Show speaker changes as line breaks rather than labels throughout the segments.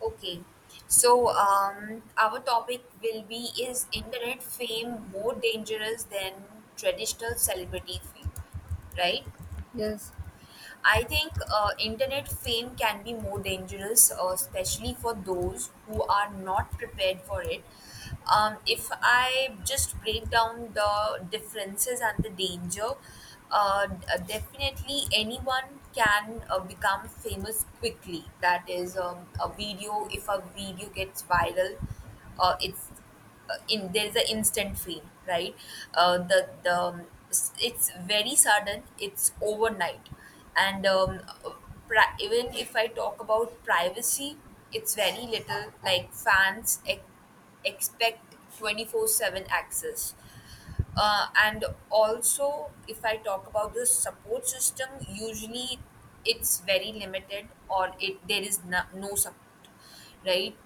Okay. Our topic will be, is internet fame more dangerous than traditional celebrity fame? Right?
Yes,
I think internet fame can be more dangerous, especially for those who are not prepared for it. If I just break down the differences and the danger, definitely anyone can become famous quickly. That is, if a video gets viral, it's in there is an instant feel, right? It's very sudden, it's overnight, and um, uh, even if I talk about privacy, it's very little, like fans expect 24/7 access. And also, if I talk about the support system, usually it's very limited, or it there is no support, right?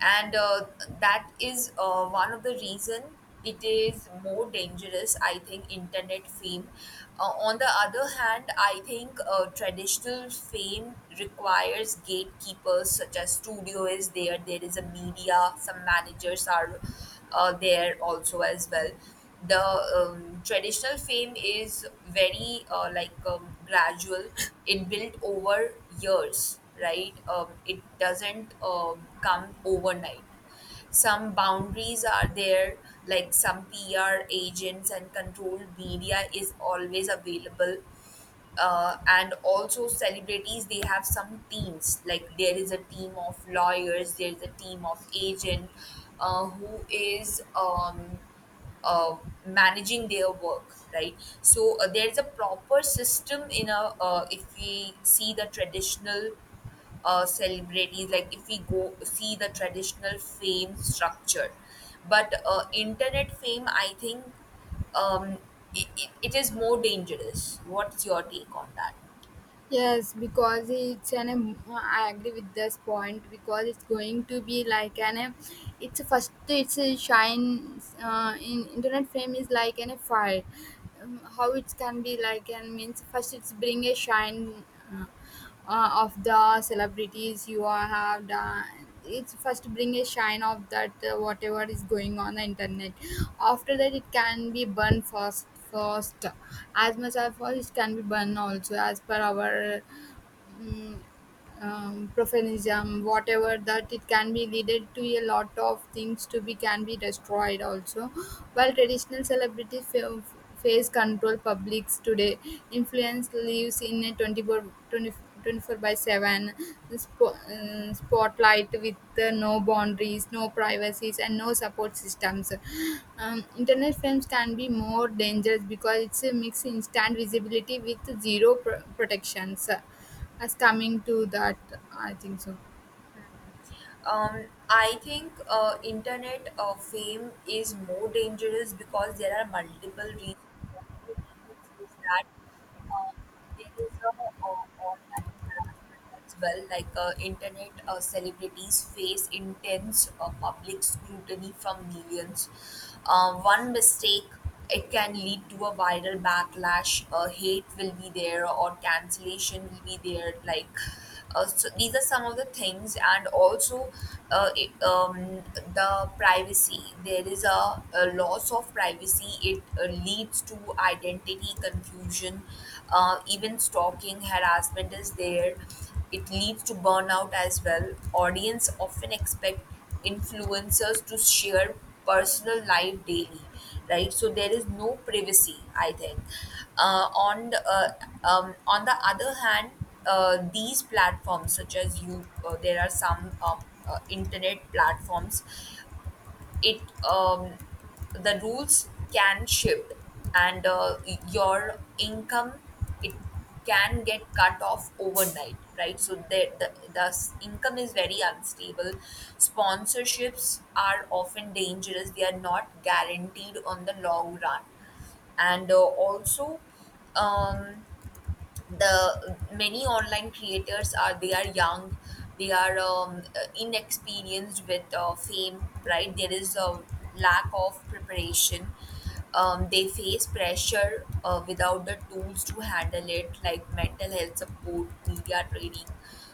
and That is one of the reason it is more dangerous, I think, internet fame. On the other hand, I think traditional fame requires gatekeepers, such as studio is there, there is a media, some managers are there also as well. The Traditional fame is very gradual, it built over years, right? It doesn't come overnight. Some boundaries are there, like some PR agents and controlled media is always available. And also, celebrities, they have some teams, like there is a team of lawyers, there is a team of agent, who is uh, managing their work, right? So there is a proper system in a if we see the traditional celebrities, like if we go see the traditional fame structure. But internet fame, I think, um, it is more dangerous. What's your take on that?
yes, because I agree with this point because it's going to be like it's a first. It's a shine. In internet fame is like an a fire. How it can be like and means first it's bring a shine. Uh, of the celebrities you are have done, it's first bring a shine of that whatever is going on the internet. After that it can be burned, first as much as first it can be burned also as per our mm profanism, whatever that it can be leaded to a lot of things to be can be destroyed also. While traditional celebrities face control publics today, influence lives in a 24 2024 by 7 spotlight with no boundaries, no privacies, and no support systems. Internet films can be more dangerous because it's a mix instant visibility with zero protections. As coming to that, I think so.
I think internet fame is more dangerous because there are multiple reasons. One of the reasons is that there is a, uh, online harassment as well. Like, internet celebrities face intense public scrutiny from millions. One mistake. It can lead to a viral backlash. Hate will be there, or cancellation will be there. Like, so these are some of the things, and also uh, it, um, the privacy. There is a loss of privacy. It leads to identity confusion, even stalking, harassment is there. It leads to burnout as well. Audience often expect influencers to share personal life daily, right? So there is no privacy, I think. uh, on the, uh, on the other hand, these platforms, such as you, there are some internet platforms, it the rules can shift, and your income, it can get cut off overnight, right? So income is very unstable. Sponsorships are often dangerous, they are not guaranteed on the long run. And Also, um, the many online creators are, they are young, they are inexperienced with fame, right? There is a lack of preparation. They face pressure without the tools to handle it, like mental health support, media training.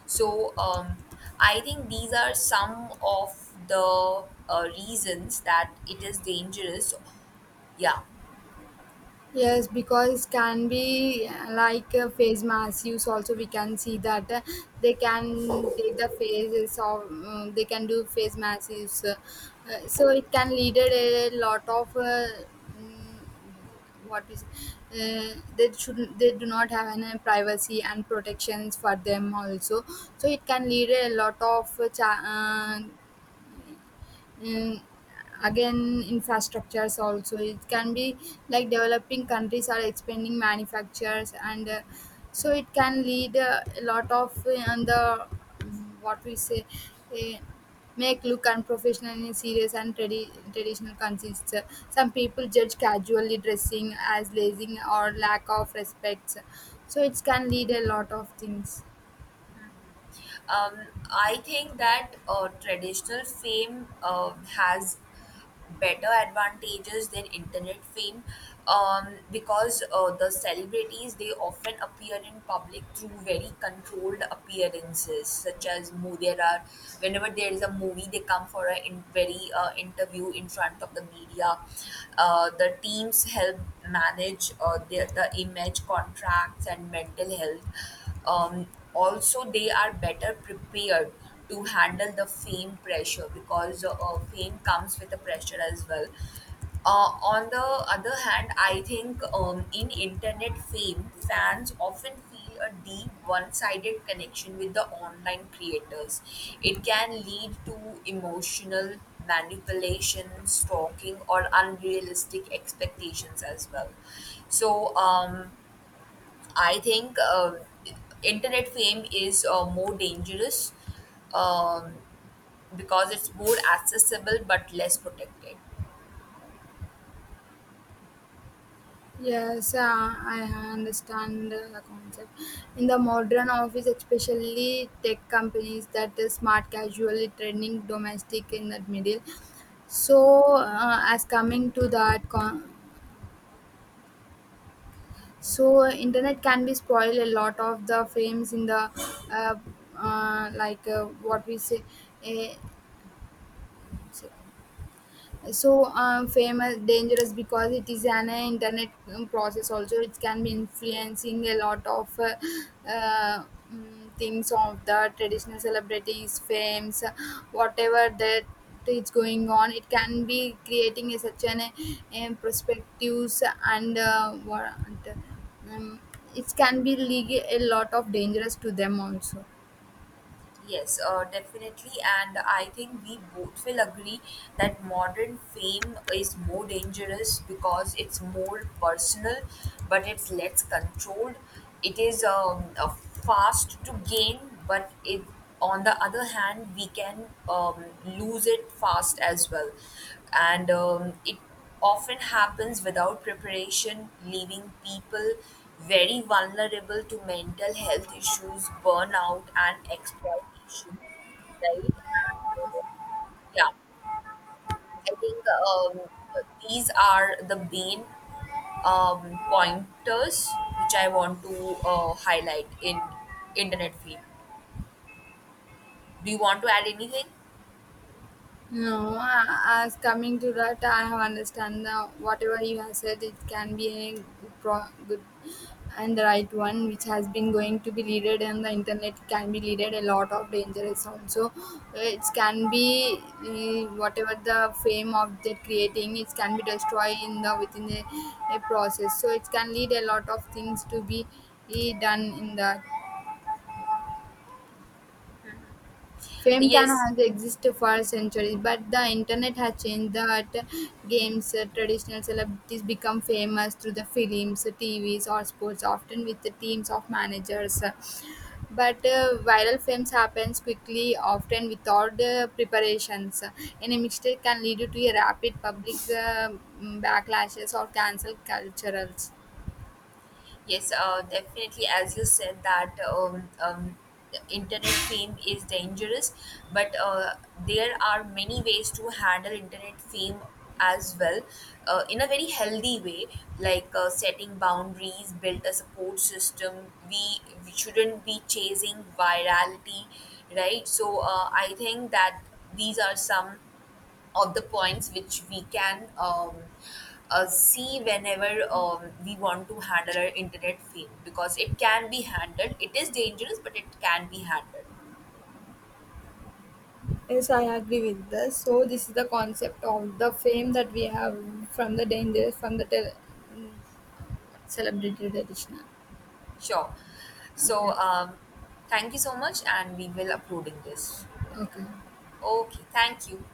so um, I think these are some of the reasons that it is dangerous, yeah.
Yes, because can be like a face mask use, also we can see that they can take the faces of they can do face mask use, so it can lead a lot of, mm, what is, they should, they do not have any privacy and protections for them also. So it can lead a lot of uh, Mm, again. Infrastructures also it can be like developing countries are expanding manufacturers, and so it can lead a lot of on the, what we say, uh, make look unprofessional in serious and traditional consists. Some people judge casually dressing as lazing or lack of respect, so it can lead a lot of things.
I think that traditional fame has better advantages than internet fame, because the celebrities, they often appear in public through very controlled appearances, such as there are, whenever there is a movie, they come for a in, very interview in front of the media. The teams help manage the image, contracts, and mental health. Also, they are better prepared to handle the fame pressure, because fame comes with a pressure as well. On the other hand, I think, in internet fame, fans often feel a deep one sided connection with the online creators. It can lead to emotional manipulation, stalking, or unrealistic expectations as well. So, um, I think internet fame is more dangerous, um, because it's more accessible but less protected.
Yes, I understand the concept. In the modern office, especially tech companies, that is smart casually trending domestic in the middle. So, as coming to that, so internet can be spoil a lot of the frames in the, uh, like what we say. Uh, famous dangerous because it is an internet process also, it can be influencing a lot of, uh, things of the traditional celebrities fames, whatever that is going on, it can be creating a such an perspectives and what, um, it can be lead a lot of dangerous to them also.
Yes, definitely. And I think we both will agree that modern fame is more dangerous because it's more personal, but it's less controlled. It is a fast to gain, but it, on the other hand, we can lose it fast as well. And It often happens without preparation, leaving people very vulnerable to mental health issues, burnout, and exploitation. Education, right? Yeah, I think these are the main pointers which I want to highlight in internet field. Do you want to add anything?
No, as coming to that, I have understand the whatever you have said, it can be a good, pro, good, and the right one, which has been going to be leaded and the internet. Can be leaded a lot of dangerous also. It can be, whatever the fame of the creating, it can be destroyed in the within a process. So it can lead a lot of things to be, done in that. Fame can
Yes.
has existed for centuries, but the internet has changed that games. Traditional celebrities become famous through the films, TVs, or sports, often with the teams of managers. But viral fames happens quickly, often without preparations. Any mistake can lead you to a rapid public backlashes or cancel culturals.
Yes, definitely. As you said that, the internet fame is dangerous, but there are many ways to handle internet fame as well, in a very healthy way, like setting boundaries, build a support system. We shouldn't be chasing virality, right? So I think that these are some of the points which we can see whenever we want to handle our internet fame, because it can be handled. It is dangerous, but it can be handled.
Yes, I agree with this. So this is the concept of the fame that we have from the dangers from the celebrated edition.
Sure. So,
Okay.
um, Thank you so much, and we will uploading this.
Okay.
Okay, thank you.